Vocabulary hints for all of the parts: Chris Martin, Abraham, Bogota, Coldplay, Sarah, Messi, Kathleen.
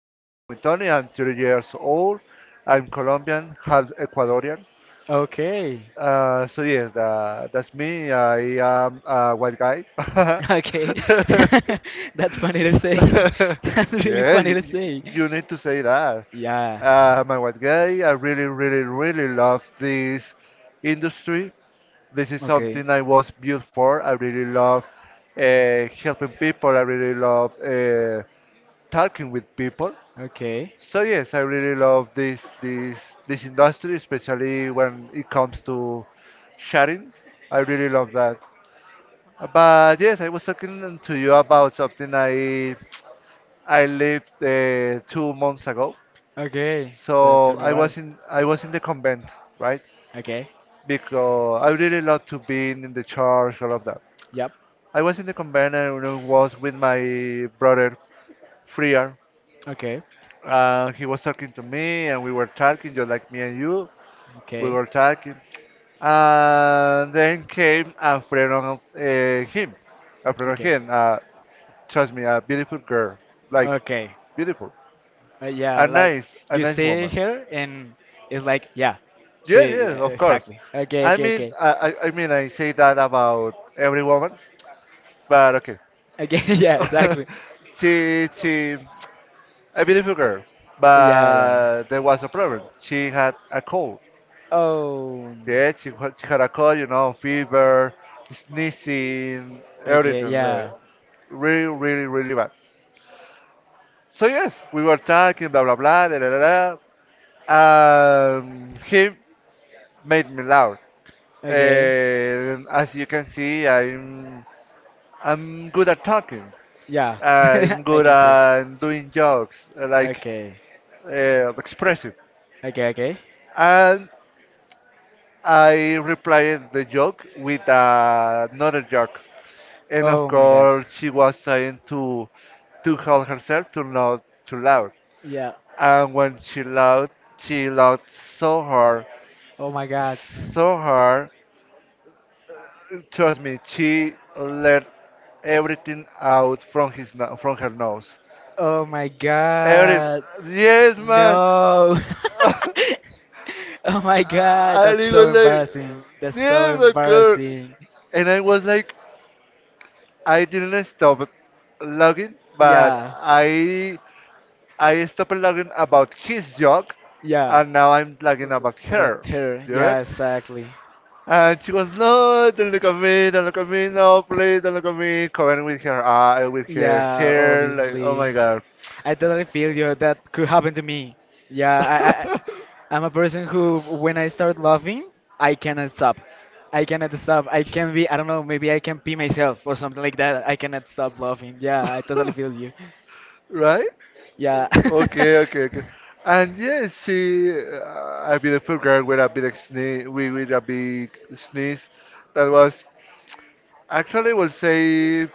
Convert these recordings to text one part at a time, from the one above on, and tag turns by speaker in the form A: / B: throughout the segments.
A: You are talking with Tony. I'm 30 years old. I'm Colombian, half Ecuadorian.
B: Okay.
A: So yes, that's me. I am a white guy.
B: Okay. That's funny to say. That's really
A: Yeah,
B: funny
A: you,
B: to
A: you
B: say.
A: you need to say that.
B: Yeah.
A: I'm a white guy. I really, really, really love this industry. This is
B: Okay.
A: something I was built for. I really love helping people. I really love talking with people.
B: Okay.
A: So yes, I really love this industry, especially when it comes to sharing. I really love that. But yes, I was talking to you about something I lived 2 months ago.
B: Okay. So
A: So
B: tell me
A: I
B: about it.
A: was in I was in the convent, right?
B: Okay.
A: Because I really love to be in the church, all of that.
B: Yep.
A: I was in the convent and I was with my brother Friar.
B: Okay.
A: He was talking to me, and we were talking just like me and you. We
B: Okay.
A: were talking, and then came a friend of him, a friend of
B: Okay.
A: him. Trust me, a beautiful girl, like
B: Okay.
A: beautiful,
B: Yeah,
A: a
B: like
A: nice, a
B: you
A: nice
B: see
A: woman.
B: her and it's like yeah,
A: Yes,
B: she
A: yes,
B: yeah,
A: of course.
B: exactly. Okay.
A: I
B: Okay.
A: mean,
B: Okay.
A: I, I I mean, I say that about every woman, but okay.
B: Okay. Yeah. Exactly.
A: she, she, a beautiful girl,
B: Yeah, yeah.
A: but there was a problem. She had a cold.
B: Oh.
A: Yeah, she had a cold, fever, sneezing,
B: Okay,
A: everything.
B: yeah.
A: Really, really, really bad. So yes, we were talking, blah, blah, blah, da, da, da, da. He made me loud.
B: Okay.
A: And as you can see, I'm good at talking.
B: Yeah.
A: I'm
B: I
A: good
B: can see it.
A: at doing jokes, like
B: Okay.
A: expressive.
B: Okay, okay.
A: And I replied the joke with another joke. And of
B: Oh my god.
A: course she was trying to hold herself to not too loud.
B: Yeah.
A: And when she loud so hard,
B: Oh my god.
A: so hard. Trust me, she let everything out from his no- from her nose.
B: Oh my
A: Every
B: god.
A: Yes, man.
B: No.
A: And
B: Oh my god, that's
A: he
B: so
A: was like,
B: embarrassing. That's so
A: yes, of course.
B: embarrassing.
A: And I was like, I didn't stop logging, but
B: Yeah,
A: I stopped blogging about his joke,
B: yeah.
A: and now I'm blogging about
B: About
A: her,
B: her.
A: dude.
B: Yeah, exactly.
A: And she goes, no, don't look at me, don't look at me, no, please, don't look at me, covering with her eye, with her
B: Yeah,
A: hair, like, oh
B: obviously.
A: my god.
B: I totally feel you. That could happen to me. Yeah, I'm a person who, when I start laughing, I cannot stop. I cannot stop. I can be, I don't know, maybe I can pee myself or something like that. I cannot stop laughing. Yeah, I totally feel you.
A: Right?
B: Yeah.
A: Okay, okay, okay. And yes, a beautiful girl with a big sneeze, with a big sneeze that was actually, will say,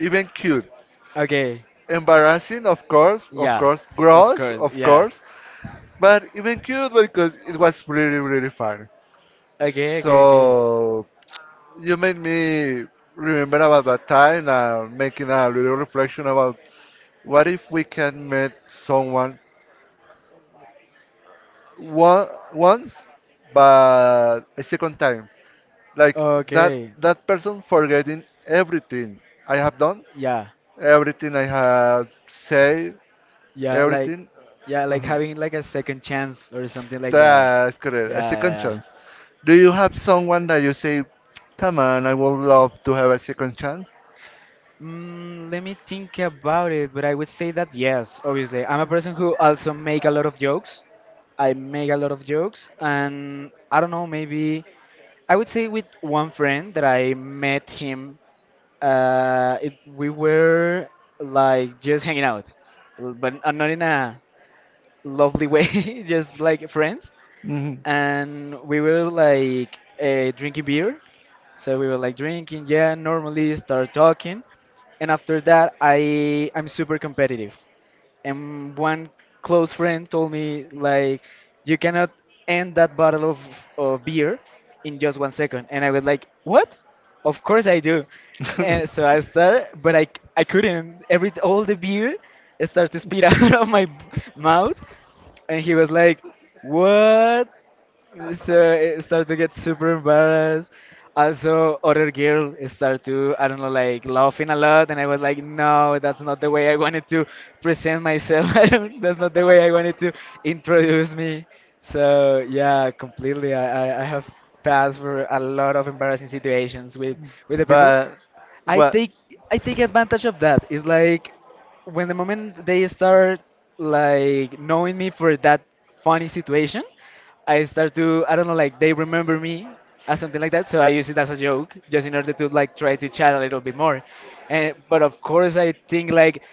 A: even cute.
B: Okay.
A: Embarrassing, of course, of
B: Yeah.
A: course.
B: Of
A: Gross,
B: course.
A: of
B: Yeah.
A: course. But even cute because it was really really fun.
B: Okay,
A: So
B: okay, okay.
A: you made me remember about that time and making a little reflection about what if we can meet someone one, once but a second time like that
B: Okay.
A: that person forgetting everything I have done,
B: Yeah.
A: everything I have said,
B: Yeah, like
A: everything.
B: yeah, like
A: Mhm.
B: having like a second chance or something like that.
A: That's correct,
B: Yeah,
A: a second
B: yeah, yeah.
A: chance. Do you have someone that you say, come on, I would love to have a second chance?
B: Mm, let me think about it, but I would say that yes, obviously. I'm a person who also make a lot of jokes. I make a lot of jokes, and I don't know, maybe I would say with one friend that I met him. We were like just hanging out, but not in a lovely way, just like friends.
A: Hmm.
B: And we were like drinking beer, so we were like drinking, yeah, normally start talking. And after that, I'm super competitive. And one close friend told me like, you cannot end that bottle of beer in just 1 second. And I was like, what? Of course I do. And so I start, but I couldn't. Every All the beer started to spit out of mouth. And he was like, what? So it started to get super embarrassed. Also, other girl start to, I don't know, like laughing a lot, and I was like, no, that's not the way I wanted to present myself. I don't, that's not the way I wanted to introduce me. So yeah, completely. I have passed for a lot of embarrassing situations with the people,
A: But
B: I
A: what,
B: take I take advantage of that. It's like when the moment they start like knowing me for that funny situation, I start to I don't know like they remember me as something like that. So I use it as a joke just in order to like try to chat a little bit more. And but of course I think like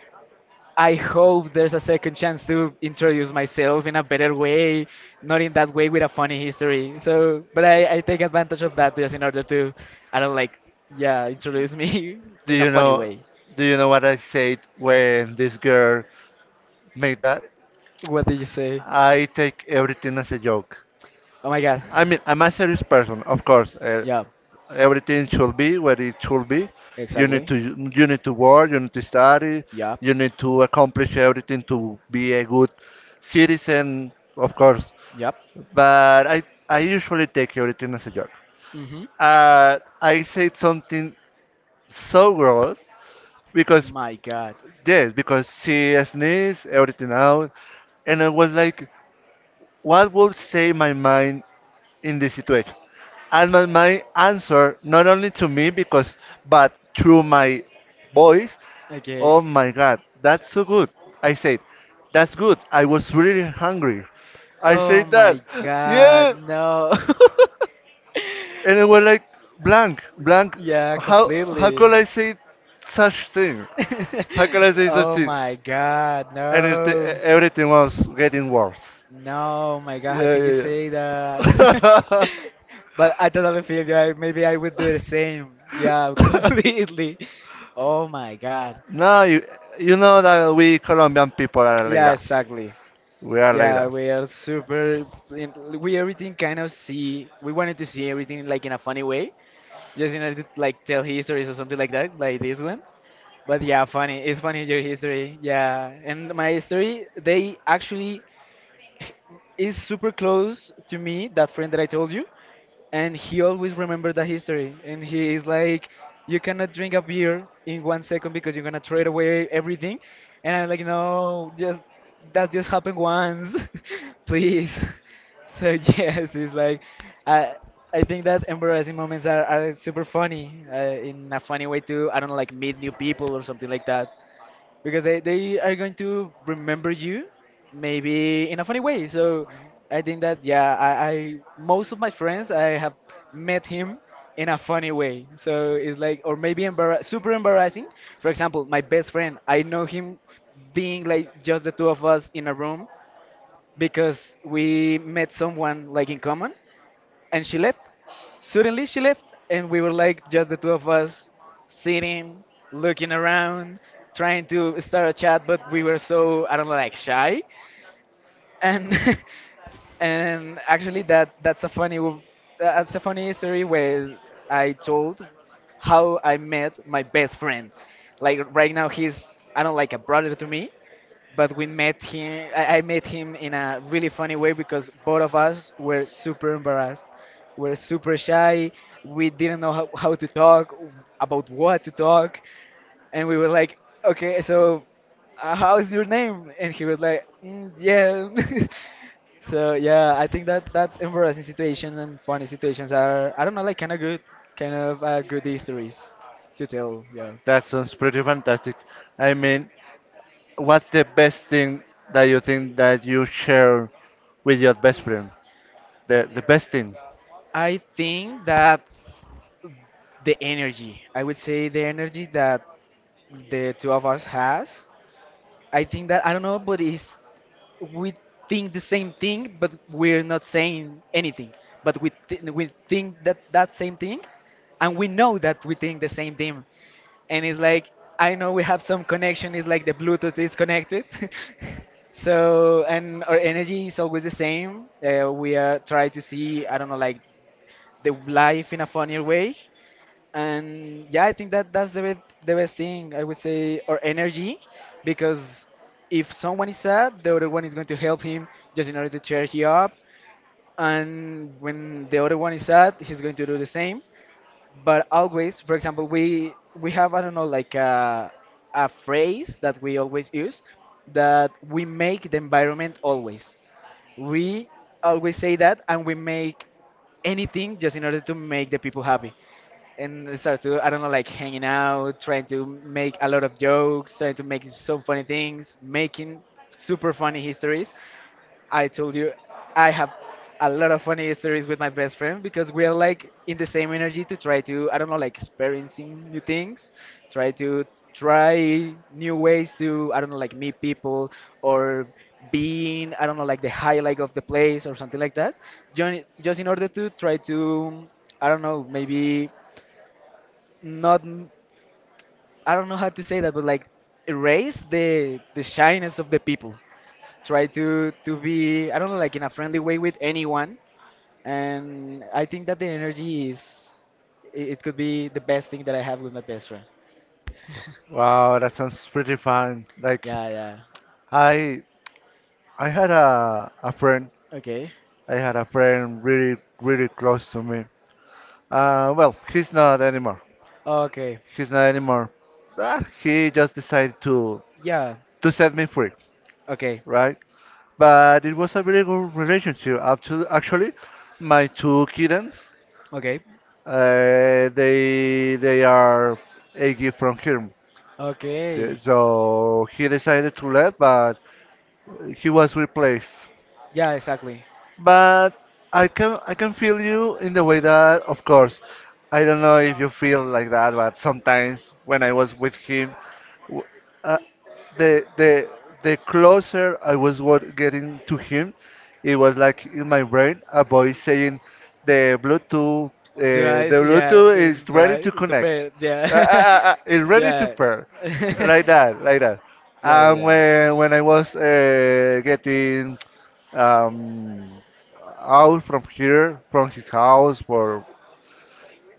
B: I hope there's a second chance to introduce myself in a better way, not in that way with a funny history. So, but I take advantage of that just in order to, I don't like, yeah, introduce me
A: do
B: in a
A: you
B: funny
A: know?
B: way.
A: Do you know what I said when this girl made that?
B: What did you say?
A: I take everything as a joke.
B: Oh my god.
A: I mean, I'm a serious person, of course.
B: Yeah,
A: Everything should be where it should be. You need
B: exactly.
A: to you need to work, you need to study,
B: Yeah.
A: you need to accomplish everything to be a good citizen, of course.
B: Yep.
A: But I usually take everything as a joke.
B: Mhm.
A: I said something so gross because
B: My god.
A: yes, because she sneezed everything out, and I was like, what would say my mind in this situation. And my answer, not only to me because, but through my voice, oh
B: Okay.
A: my God, that's so good. I said, that's good. I was really hungry. I
B: Oh
A: said
B: my
A: that, yeah.
B: god, no.
A: And I was like, blank, blank.
B: Yeah,
A: How
B: completely.
A: could I say such thing? How could I say such
B: Oh
A: thing?
B: my god,
A: And
B: no.
A: everything was getting worse.
B: No, oh my god, how can you
A: Yeah,
B: say that?
A: yeah,
B: But I totally feel you. I, maybe I would do the same. Yeah,
A: yeah.
B: completely. Oh my god.
A: No, you know that we Colombian people are like
B: Yeah,
A: that.
B: exactly.
A: We are like
B: Yeah,
A: that.
B: we are super. We everything kind of see. We wanted to see everything like in a funny way, just in order to like tell histories or something like that, like this one. But yeah, funny. It's funny your history. Yeah, and my history, they actually is super close to me. That friend that I told you, and he always remember the history and he is like you cannot drink a beer in 1 second because you're gonna throw it away everything and I'm like no just that just happened once please. So yes, it's like i I think that embarrassing moments are super funny in a funny way too. I don't know like meet new people or something like that because they are going to remember you maybe in a funny way. So I think that yeah, I most of my friends I have met him in a funny way. So it's like or maybe embarrass super embarrassing. For example, my best friend I know him being like just the two of us in a room because we met someone like in common and she left. Suddenly she left, and we were like just the two of us sitting, looking around, trying to start a chat, but we were so I don't know like shy, and and actually that's a that's a funny story where I told how I met my best friend. Like right now he's I don't know, like a brother to me, but we met him I met him in a really funny way because both of us were super embarrassed, we're super shy, we didn't know how to talk about what to talk. And we were like okay so how's your name and he was like mm, yeah. So yeah, I think that that embarrassing situations and funny situations are I don't know like kind of good, kind of good histories to tell. Yeah.
A: That sounds pretty fantastic. I mean, what's the best thing that you think that you share with your best friend? The best thing.
B: I think that the energy, I would say the energy that the two of us has. I think that I don't know but it's we think the same thing but we're not saying anything but we think that that same thing and we know that we think the same thing and it's like I know we have some connection, it's like the Bluetooth is connected. So and our energy is always the same. We are try to see I don't know like the life in a funnier way. And yeah, I think that that's the best, the best thing I would say, or energy, because if someone is sad the other one is going to help him just in order to cheer him up, and when the other one is sad he's going to do the same. But always for example we have I don't know like a phrase that we always use, that we make the environment always, we always say that and we make anything just in order to make the people happy. And I start to I don't know like hanging out, trying to make a lot of jokes, trying to make some funny things, making super funny histories. I told you I have a lot of funny histories with my best friend because we are like in the same energy to try to I don't know like experiencing new things, try to try new ways to I don't know like meet people or being I don't know like the highlight of the place or something like that. Just in order to try to I don't know maybe not m- I don't know how to say that, but like erase the shyness of the people. Try to be I don't know like in a friendly way with anyone, and I think that the energy is it could be the best thing that I have with my best friend.
A: Wow, that sounds pretty fun. Like
B: Yeah, yeah.
A: I I had a friend.
B: Okay.
A: I had a friend really really close to me. Well, he's not anymore.
B: Okay.
A: He's not anymore. He just decided to
B: Yeah.
A: set me free,
B: Okay.
A: right? But it was a very good relationship. Up to actually, my two kittens,
B: Okay.
A: they are a gift from him.
B: Okay.
A: So he decided to leave, but he was replaced.
B: Yeah, exactly.
A: But I can feel you in the way that, of course, I don't know if you feel like that, but sometimes when I was with him, w- uh, the the the closer I was getting to him, it was like in my brain a voice saying, "The Bluetooth, the
B: Twice, yeah,
A: Bluetooth
B: this
A: is
B: is
A: ready
B: twice.
A: to
B: To
A: connect.
B: pay, yeah.
A: It's ready to
B: Yeah.
A: pair, like that, like that."
B: Yeah, yeah,
A: And
B: yeah.
A: when I was getting um, out from here, from his house, for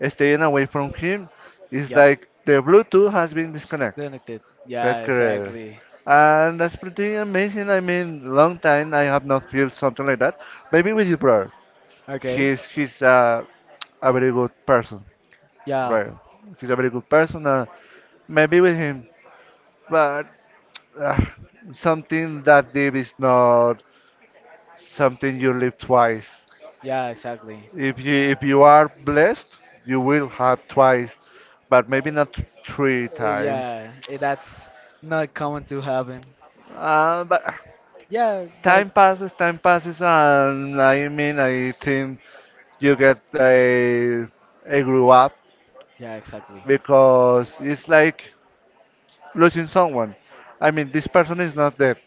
A: staying away from him. It's
B: Yep.
A: like the Bluetooth has been disconnected.
B: Connected.
A: That's
B: Yeah,
A: correct.
B: exactly.
A: And that's pretty amazing. I mean, long time I have not felt something like that. Maybe with your brother.
B: Okay.
A: He's a very good person,
B: Yeah.
A: right? He's a very good person. Maybe with him, but uh, something that deep is not something you live twice.
B: Yeah, exactly.
A: If you are
B: Uh,
A: blessed, you will have twice, but maybe not three times.
B: Yeah, eh, that's not common to happen.
A: But
B: Yeah, like
A: time passes, and I mean, I think you get a grew up
B: yeah, exactly.
A: because it's like losing someone. I mean, this person is not dead.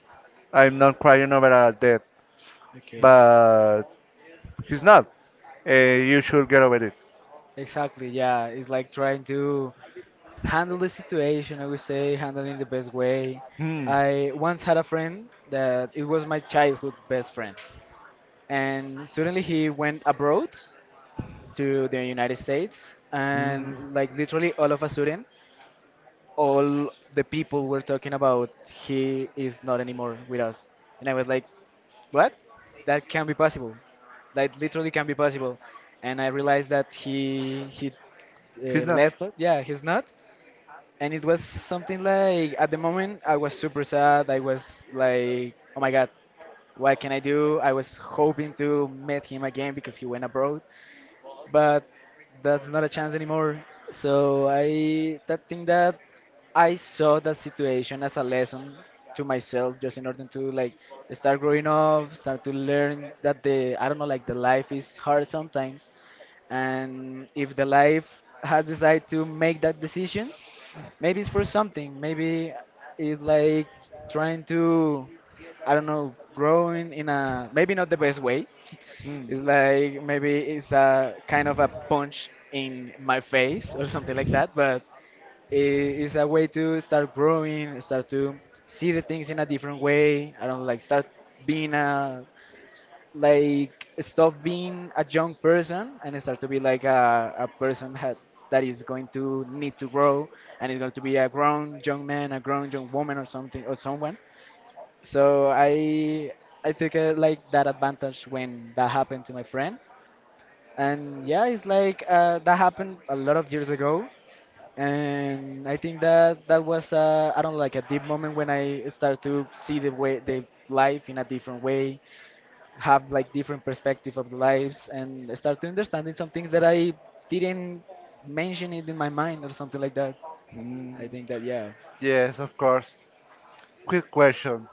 A: I'm not crying over a death,
B: Okay.
A: but he's not. You should get over it.
B: Exactly, yeah. It's like trying to handle the situation, I would say, handling in the best way.
A: Hmm.
B: I once had a friend that it was my childhood best friend. And suddenly he went abroad to the United States
A: Hmm.
B: and like literally all of a sudden all the people were talking about he is not anymore with us. And I was like, what? That can be possible. That literally can be possible. And I realized that he
A: He's not.
B: left. Yeah, he's not. And it was something like at the moment I was super sad. I was like, oh my god, what can I do? I was hoping to meet him again because he went abroad but that's not a chance anymore. So I that think that I saw that situation as a lesson to myself, just in order to like start growing up, start to learn that the I don't know like the life is hard sometimes, and if the life has decided to make that decisions maybe it's for something, maybe it's like trying to, I don't know, growing in a maybe not the best way.
A: Hmm.
B: It's like maybe it's a kind of a punch in my face or something like that, but it's a way to start growing, start to see the things in a different way. I don't know, like start being a like stop being a young person and start to be like a person ha that is going to need to grow and is going to be a grown young man, a grown young woman or something or someone. So I took like that advantage when that happened to my friend. And yeah, it's like that happened a lot of years ago. And I think that that was I don't know, like a deep moment when I start to see the way the life in a different way, have like different perspective of the lives and start to understanding some things that I didn't mention it in my mind or something like that.
A: Hmm.
B: I think that, yeah.
A: Yes, of course. Quick question.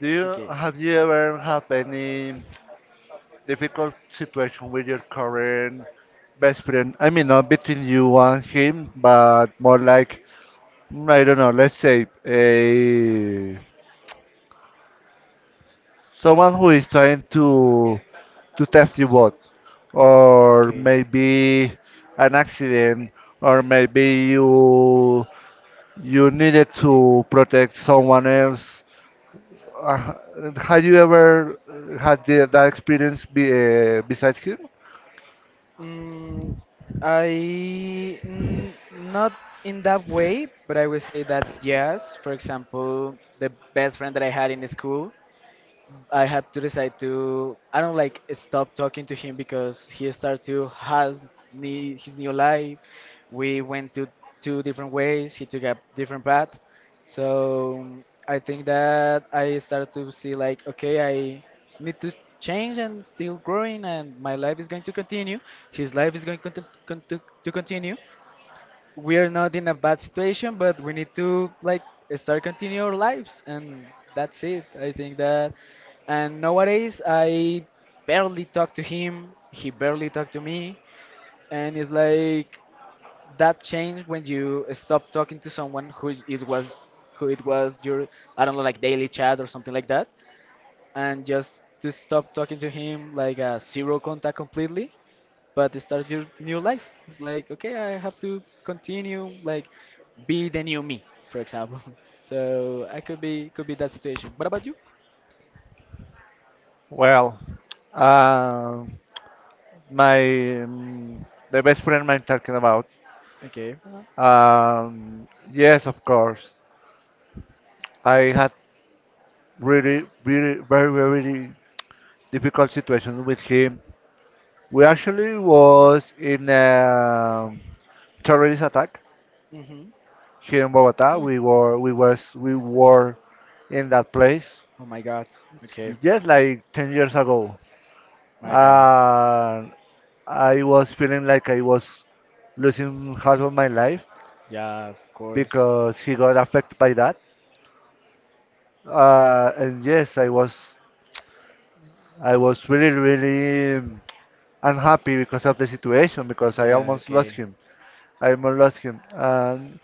A: Do you
B: Okay.
A: have You ever have any difficult situation with your current best friend? I mean, not between you and him, but more like I don't know. Let's say a someone who is trying to test you both, or
B: Okay.
A: maybe an accident, or maybe you needed to protect someone else. Uh, Had you ever had that experience, besides him?
B: Mm, I n- not in that way, but I would say that yes. For example, the best friend that I had in the school, I had to decide to, I don't, like stop talking to him because he started to has his new life. We went to two different ways. He took a different path. So I think that I started to see like, okay, I need to change and still growing, and my life is going to continue. His life is going to to continue. We are not in a bad situation, but we need to like start continue our lives, and that's it. I think that, and nowadays I barely talk to him. He barely talk to me, and it's like that change when you stop talking to someone who it was your, I don't know, like daily chat or something like that, and just to stop talking to him like a zero contact completely, but start your new life. It's like, okay, I have to continue, like, be the new me, for example. So I could be that situation. What about you?
A: Well, um my the best friend I'm talking about.
B: Okay.
A: Yes, of course. I had really, really, very, very difficult situation with him. We actually was in a terrorist attack
B: Mm-hmm.
A: here in Bogota.
B: Hmm.
A: We were in that place.
B: Oh my God. Okay.
A: Yes, like 10 years ago.
B: My God.
A: And I was feeling like I was losing half of my life
B: Yeah, of course.
A: because he got affected by that. And yes, I was really really unhappy because of the situation because I
B: Yeah,
A: almost lost
B: okay.
A: him. I almost lost him. And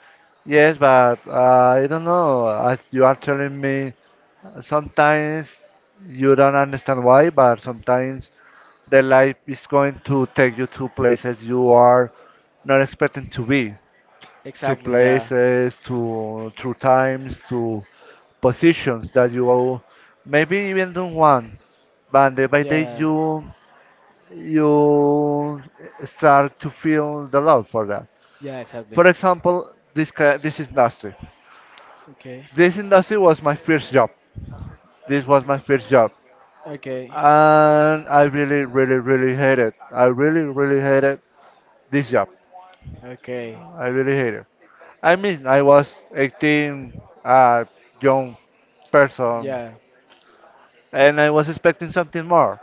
A: yes, but I don't know. As you are telling me, sometimes you don't understand why, but sometimes the life is going to take you to places you are not expecting to be, to
B: Exactly, yeah.
A: places, to through times, to positions that maybe even don't want. But day by day,
B: Yeah.
A: you start to feel the love for that.
B: Yeah, exactly.
A: For example, this industry.
B: Okay.
A: This industry was my first job. This was my first job,
B: Okay.
A: and I really, really, really hated. I really, really hated this job.
B: Okay.
A: I really hate it. I mean, I was 18, a young person,
B: Yeah.
A: and I was expecting something more.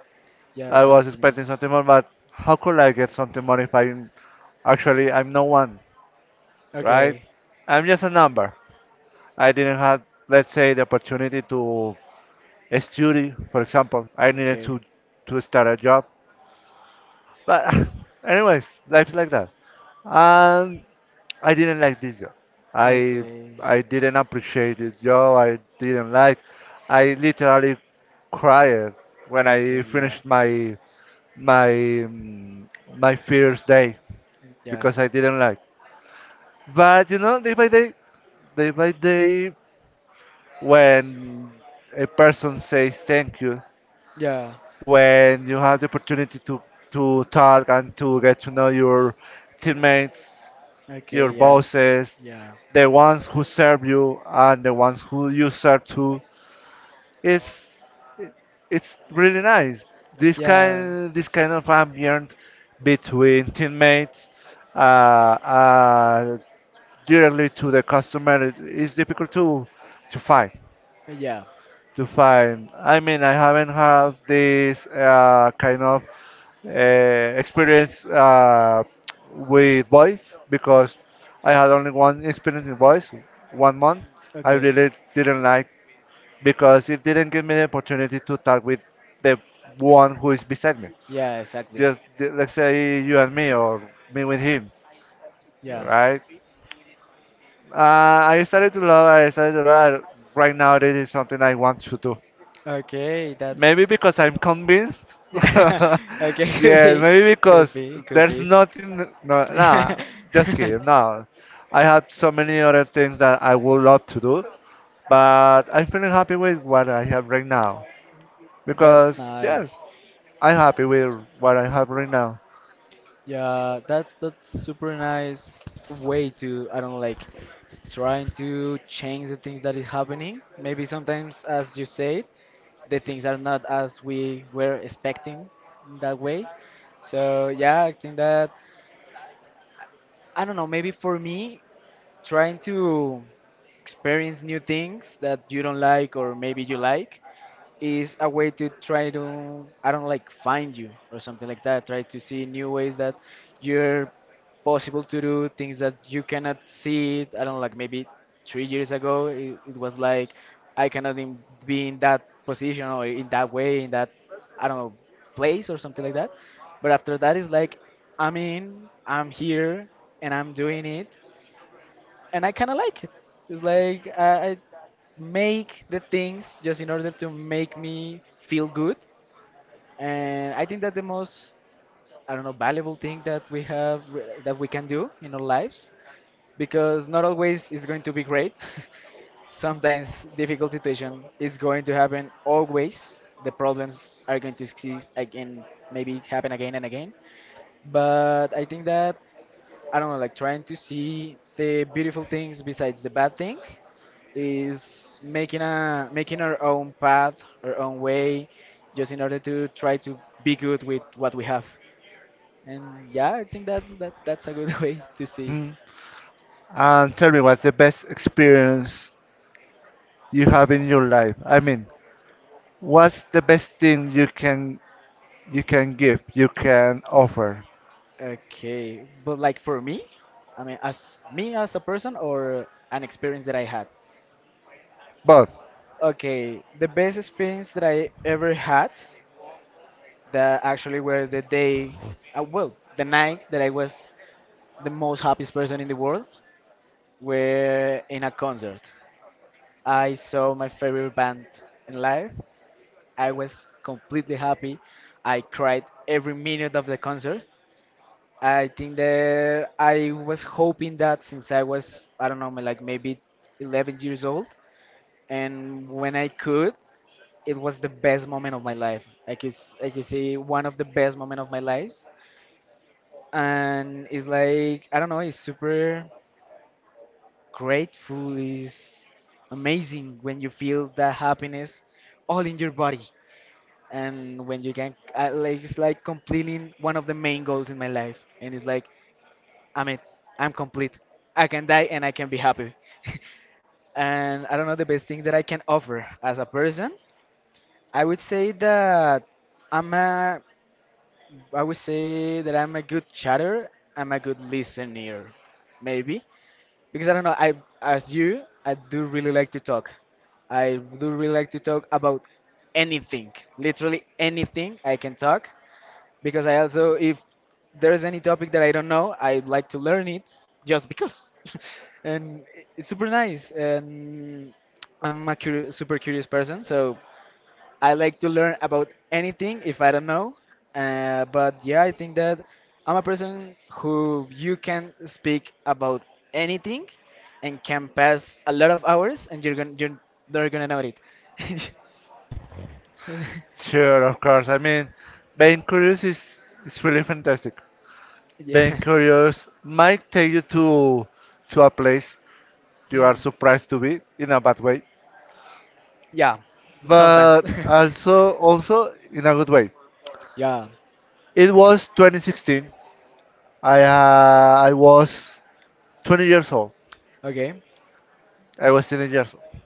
B: Yeah,
A: I was
B: exactly.
A: expecting something more, but how could I get something more if I'm no one, right?
B: Okay.
A: I'm just a number. I didn't have, let's say, the opportunity to study, for example. I needed to
B: Okay.
A: start a job, but anyways, life's like that. And I didn't like this job. I
B: Okay.
A: I didn't appreciate this job. I didn't like. I literally cried when I
B: Okay, yeah.
A: finished my mm, my first day
B: Yeah.
A: because I didn't like. But you know, day by day, when a person says thank you,
B: Yeah.
A: when you have the opportunity to talk and to get to know your teammates,
B: Okay,
A: your
B: yeah.
A: bosses,
B: Yeah.
A: the ones who serve you, and the ones who you serve to. It's it's really nice. This
B: Yeah.
A: kind this kind of ambient between teammates uh, uh, directly to the customer is difficult to find
B: Yeah.
A: to find. I mean, I haven't had this kind of experience with voice because I had only one experience in voice, one month. I
B: Okay.
A: really didn't like because it didn't give me the opportunity to talk with the one who is beside me.
B: Yeah, exactly.
A: Just let's say you and me or me with him,
B: Yeah.
A: right? I started to love. I started to love. Right now, this is something I want to do.
B: Okay,
A: Maybe
B: that's.
A: because I'm convinced.
B: Yeah. Okay, could
A: Yeah,
B: be,
A: maybe
B: could
A: because
B: be, could
A: there's
B: be.
A: nothing. No,
B: Yeah.
A: no, just kidding. No, I have so many other things that I would love to do, but I'm feeling happy with what I have right now
B: That's
A: because yes,
B: nice.
A: I'm happy with what I have right now.
B: Yeah, that's super nice way to, I don't know, like trying to change the things that is happening. Maybe sometimes, as you said, the things are not as we were expecting that way. So yeah, I think that, I don't know, maybe for me, trying to experience new things that you don't like or maybe you like is a way to try to, I don't know, like find you or something like that. Try to see new ways that you're possible to do things that you cannot see it. I don't know, like maybe 3 years ago it was like I cannot be in that position or in that way in that, I don't know, place or something like that. But after that it's like I'm here and I'm doing it and I kind of like it. It's like I make the things just in order to make me feel good, and I think that the most, I don't know, valuable thing that we have that we can do in our lives, because not always is going to be great. Sometimes difficult situation is going to happen always. The problems are going to exist again, maybe happen again and again. But I think that, I don't know, like trying to see the beautiful things besides the bad things is making our own path, our own way, just in order to try to be good with what we have. And yeah, I think that that's a good way to see.
A: Hmm. And tell me, what's the best experience you have in your life? I mean, what's the best thing you can give, you can offer?
B: Okay, but like for me, I mean, as me as a person or an experience that I had.
A: Both.
B: Okay, the best experience that I ever had, that actually were the day, well, the night that I was the most happiest person in the world were in a concert. I saw my favorite band in live. I was completely happy. I cried every minute of the concert. I think that I was hoping that since I was, I don't know, like maybe 11 years old, and when I could, it was the best moment of my life. I could, I could say one of the best moment of my life, and it's like, I don't know, it's super. Grateful is amazing when you feel that happiness all in your body, and when you can, like, it's like completing one of the main goals in my life, and it's like, I'm it, I'm complete. I can die and I can be happy. And I don't know the best thing that I can offer as a person. I would say that I'm a, I would say that I'm a good chatter. I'm a good listener, maybe. Because I don't know. I, as you, I do really like to talk. I do really like to talk about anything, literally anything I can talk. Because I also, if there is any topic that I don't know, I like to learn it just because. And it's super nice. And I'm a super curious person, so I like to learn about anything if I don't know. But yeah, I think that I'm a person who you can speak about anything and can pass a lot of hours and you're not gonna know it.
A: Sure, of course. I mean, being curious is really fantastic. Being
B: Yeah.
A: curious might take you to a place you are
B: Hmm.
A: surprised to be in a bad way,
B: Yeah.
A: but
B: Sometimes.
A: also in a good way.
B: Yeah.
A: It was 2016. I was 20 years old.
B: Okay.
A: I was 20 years old.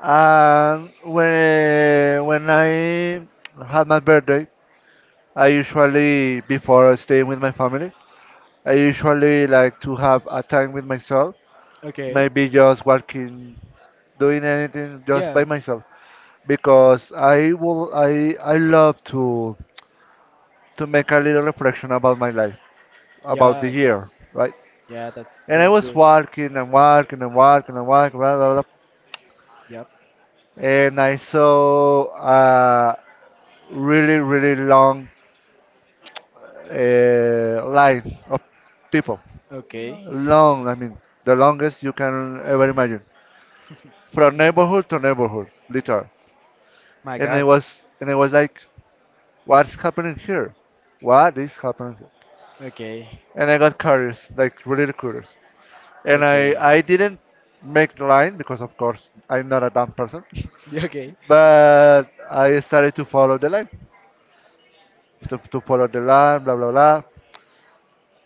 A: And when I had my birthday, I usually before staying with my family, I usually like to have a time with myself,
B: Okay.
A: maybe just working, doing anything just
B: Yeah.
A: by myself, because I will I love to make a little reflection about my life, about the
B: Yeah,
A: year,
B: that's.
A: right?
B: Yeah, that's
A: And I
B: so
A: was
B: good.
A: walking and walking and walking and walking, blah blah blah,
B: Yep.
A: and I saw a really long line of people,
B: Okay.
A: long I mean the longest you can ever imagine from neighborhood to neighborhood, literally.
B: My
A: And I
B: God.
A: was and I was like, what's happening here? What is happening here?
B: Okay.
A: And I got curious, like really curious. And I
B: Okay.
A: I didn't make the line because of course I'm not a dumb person,
B: Yeah, okay.
A: but I started to follow the line, to follow the line, blah blah blah.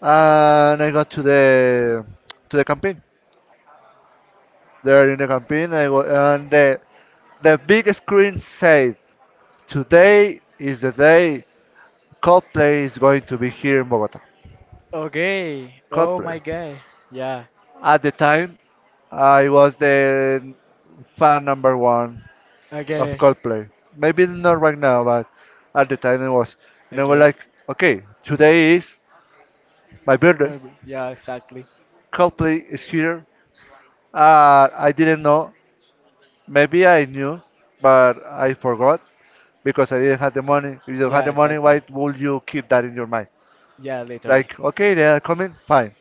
A: And I got to the campaign. There in the campaign, I go, and the big screen said, "Today is the day Coldplay is going to be here in Bogota.
B: Okay. Oh my
A: Coldplay.
B: God. Yeah.
A: At the time, I was the fan number one of
B: Okay.
A: Coldplay. Maybe not right now, but at the time it was. And I was
B: Okay.
A: like, okay, today is my birthday.
B: Maybe. Yeah, exactly.
A: Coldplay is here. I didn't know. Maybe I knew, but I forgot because I didn't have the money. If you don't have
B: Yeah,
A: the money, why
B: exactly.
A: would you keep that in your mind?
B: Yeah, literally.
A: Like, okay, they are coming, fine.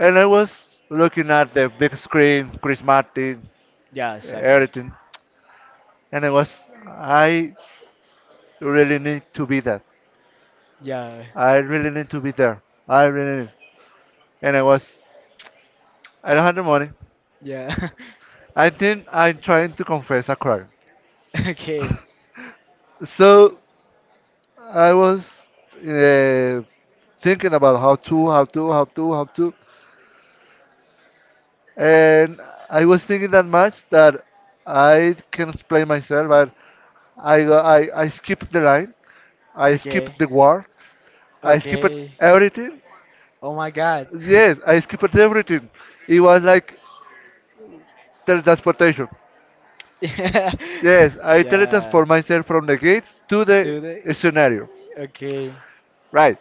A: And I was looking at the big screen, Chris Martin,
B: Yeah, exactly.
A: everything. And I was, I really need to be there.
B: Yeah.
A: I really need to be there. I really need. And I was, I don't have the money.
B: Yeah.
A: I think I'm trying to confess a crime.
B: Okay.
A: So I was uh, thinking about how to. And I was thinking that much that I can explain myself. I skipped the line. I
B: Okay.
A: skipped the works. I skipped
B: Okay.
A: everything.
B: Oh my god.
A: Yes, I skipped everything. It was like teletransportation.
B: Yeah.
A: Yes, I
B: Yeah.
A: teletransport myself from the gates to the
B: Do they?
A: scenario.
B: Okay.
A: Right.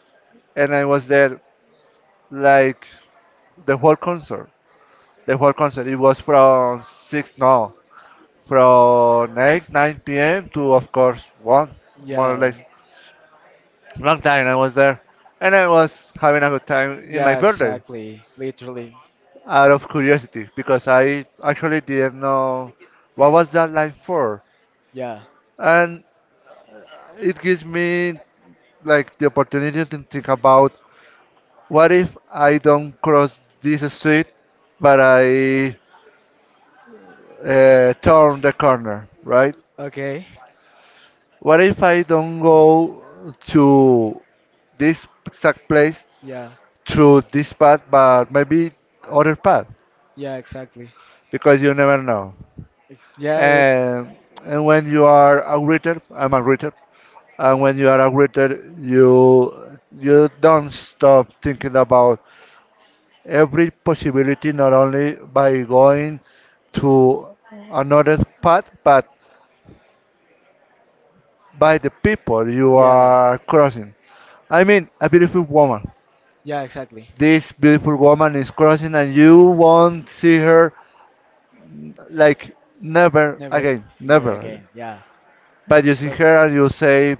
A: And I was there like the whole concert. The whole concert. It was from 6, no, from 8, 9 p.m. to, of course, 1, more or
B: Yeah.
A: less. Long time I was there. And I was having a good time in my
B: Yeah,
A: birthday,
B: exactly. Literally.
A: out of curiosity because I actually didn't know what was that line for,
B: Yeah.
A: and it gives me like the opportunity to think about, what if I don't cross this street, but I turn the corner, right?
B: Okay.
A: What if I don't go to this exact place
B: Yeah.
A: through this path, but maybe other path,
B: Yeah, exactly.
A: because you never know.
B: Yeah.
A: And and when you are a greeter, I'm a greeter, and when you are a writer, you don't stop thinking about every possibility, not only by going to another path, but by the people you
B: Yeah.
A: are crossing. I mean, a beautiful woman,
B: Yeah, exactly.
A: this beautiful woman is crossing and you won't see her, like, never
B: Never,
A: again,
B: never
A: never again.
B: again. Yeah.
A: But you see
B: But.
A: her and you say,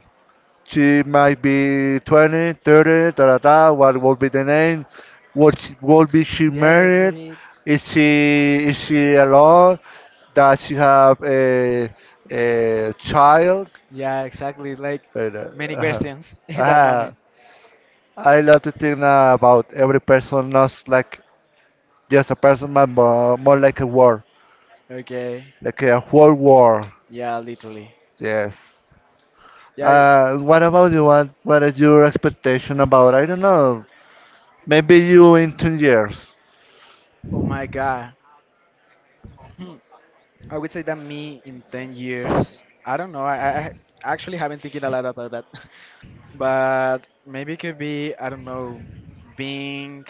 A: she might be 20, 30, 30, da da da. What will be the name? Will be she
B: Yeah,
A: married?
B: married.
A: Is she alone? Does she have a child?
B: Yeah, exactly. Like
A: But, uh,
B: many
A: uh-huh.
B: questions in that
A: Uh-huh.
B: moment.
A: I love to think about every person, not like just a person, but more like a war,
B: Okay.
A: like a whole war.
B: Yeah, literally.
A: Yes.
B: Yeah.
A: What about you? What is your expectation about? I don't know. Maybe you in 2 years.
B: Oh my God. Hmm. I would say that me in 10 years. I don't know. I I actually haven't thinking a lot about that. But maybe it could be, I don't know, being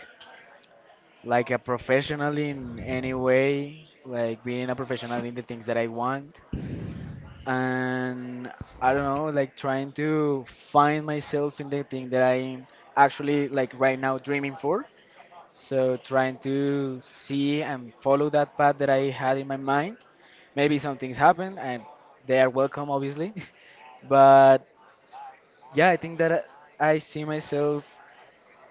B: like a professional in any way, like being a professional in the things that I want. And I don't know, like trying to find myself in the thing that I'm actually like right now dreaming for. So trying to see and follow that path that I had in my mind. Maybe some things happen and they are welcome, obviously. But yeah, I think that I see myself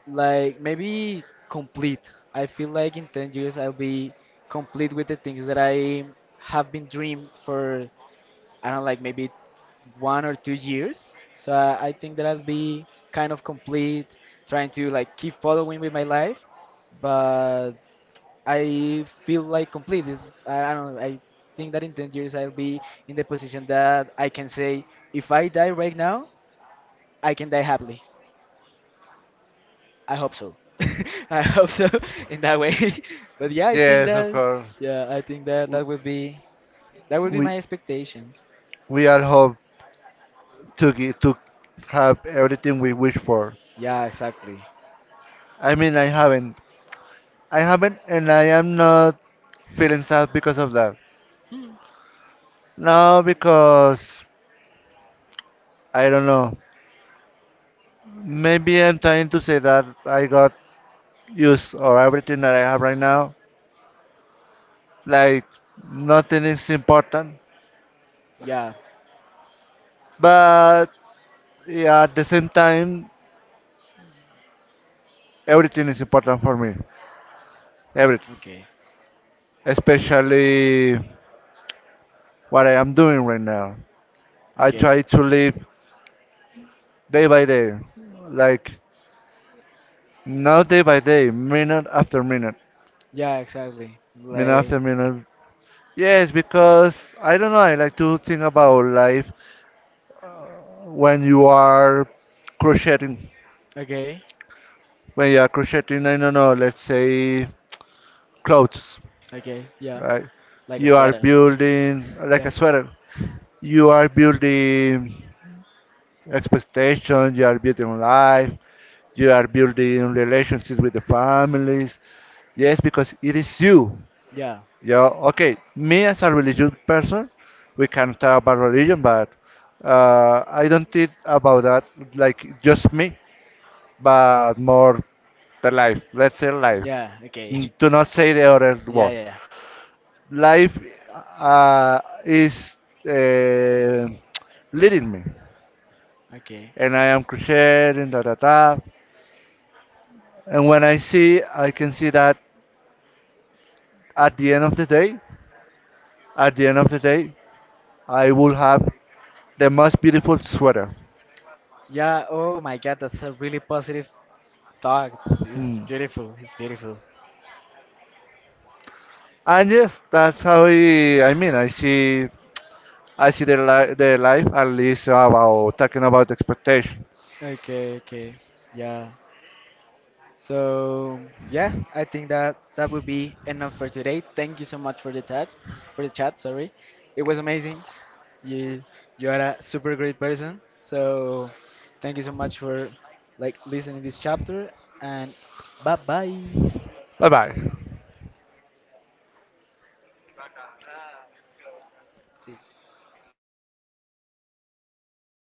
B: like maybe complete. I feel like in 10 years I'll be complete with the things that I have been dreamed for, I don't know, like maybe 1 or 2 years. So I think that I'll be kind of complete, trying to like keep following with my life. But I feel like complete is, I don't know, I think that in 10 years I'll be in the position that I can say, if I die right now, I can die happily. I hope so. I hope so in that way. But yeah, I think
A: Yes, of
B: that,
A: course.
B: yeah, I think that
A: W-
B: that would be
A: We
B: my expectations.
A: all hope to get, to have everything we wish for.
B: Yeah, exactly.
A: I mean, I haven't. I haven't, and I am not feeling sad because of that. No, because I don't know. Maybe I'm trying to say that I got used or everything that I have right now. Like nothing is important,
B: Yeah.
A: but yeah, at the same time, everything is important for me. Everything,
B: Okay.
A: especially what I am doing right now. I
B: Okay.
A: try to live day by day, like not day by day, minute after minute,
B: Yeah, exactly.
A: minute
B: Like
A: after minute. Yes, because I don't know, I like to think about life when you are crocheting.
B: okay.
A: When you are crocheting, I don't know, let's say clothes,
B: Okay. Yeah.
A: right?
B: Like a
A: You are
B: sweater.
A: building like a
B: Yeah.
A: sweater. You are building expectations, you are building life, you are building relationships with the families. Yes, because it is you.
B: Yeah.
A: Yeah, okay. Me as a religious person, we can talk about religion, but I don't think about that like just me, but more the life. Let's say life.
B: Yeah, okay.
A: Do not say the other
B: Yeah,
A: word.
B: yeah, yeah.
A: Life uh, is uh, leading me,
B: Okay.
A: and I am crocheting da da da. And when I see, I can see that at the end of the day, at the end of the day, I will have the most beautiful sweater.
B: Yeah, oh my god, that's a really positive thought. It's
A: Hmm.
B: beautiful. It's beautiful.
A: And yes, that's how I mean, I see their life, at least about talking about expectation.
B: Okay, okay. Yeah. So yeah, I think that that would be enough for today. Thank you so much for the chat, for the chat. Sorry, it was amazing. You you are a super great person. So thank you so much for like listening this chapter and bye bye.
A: Bye bye.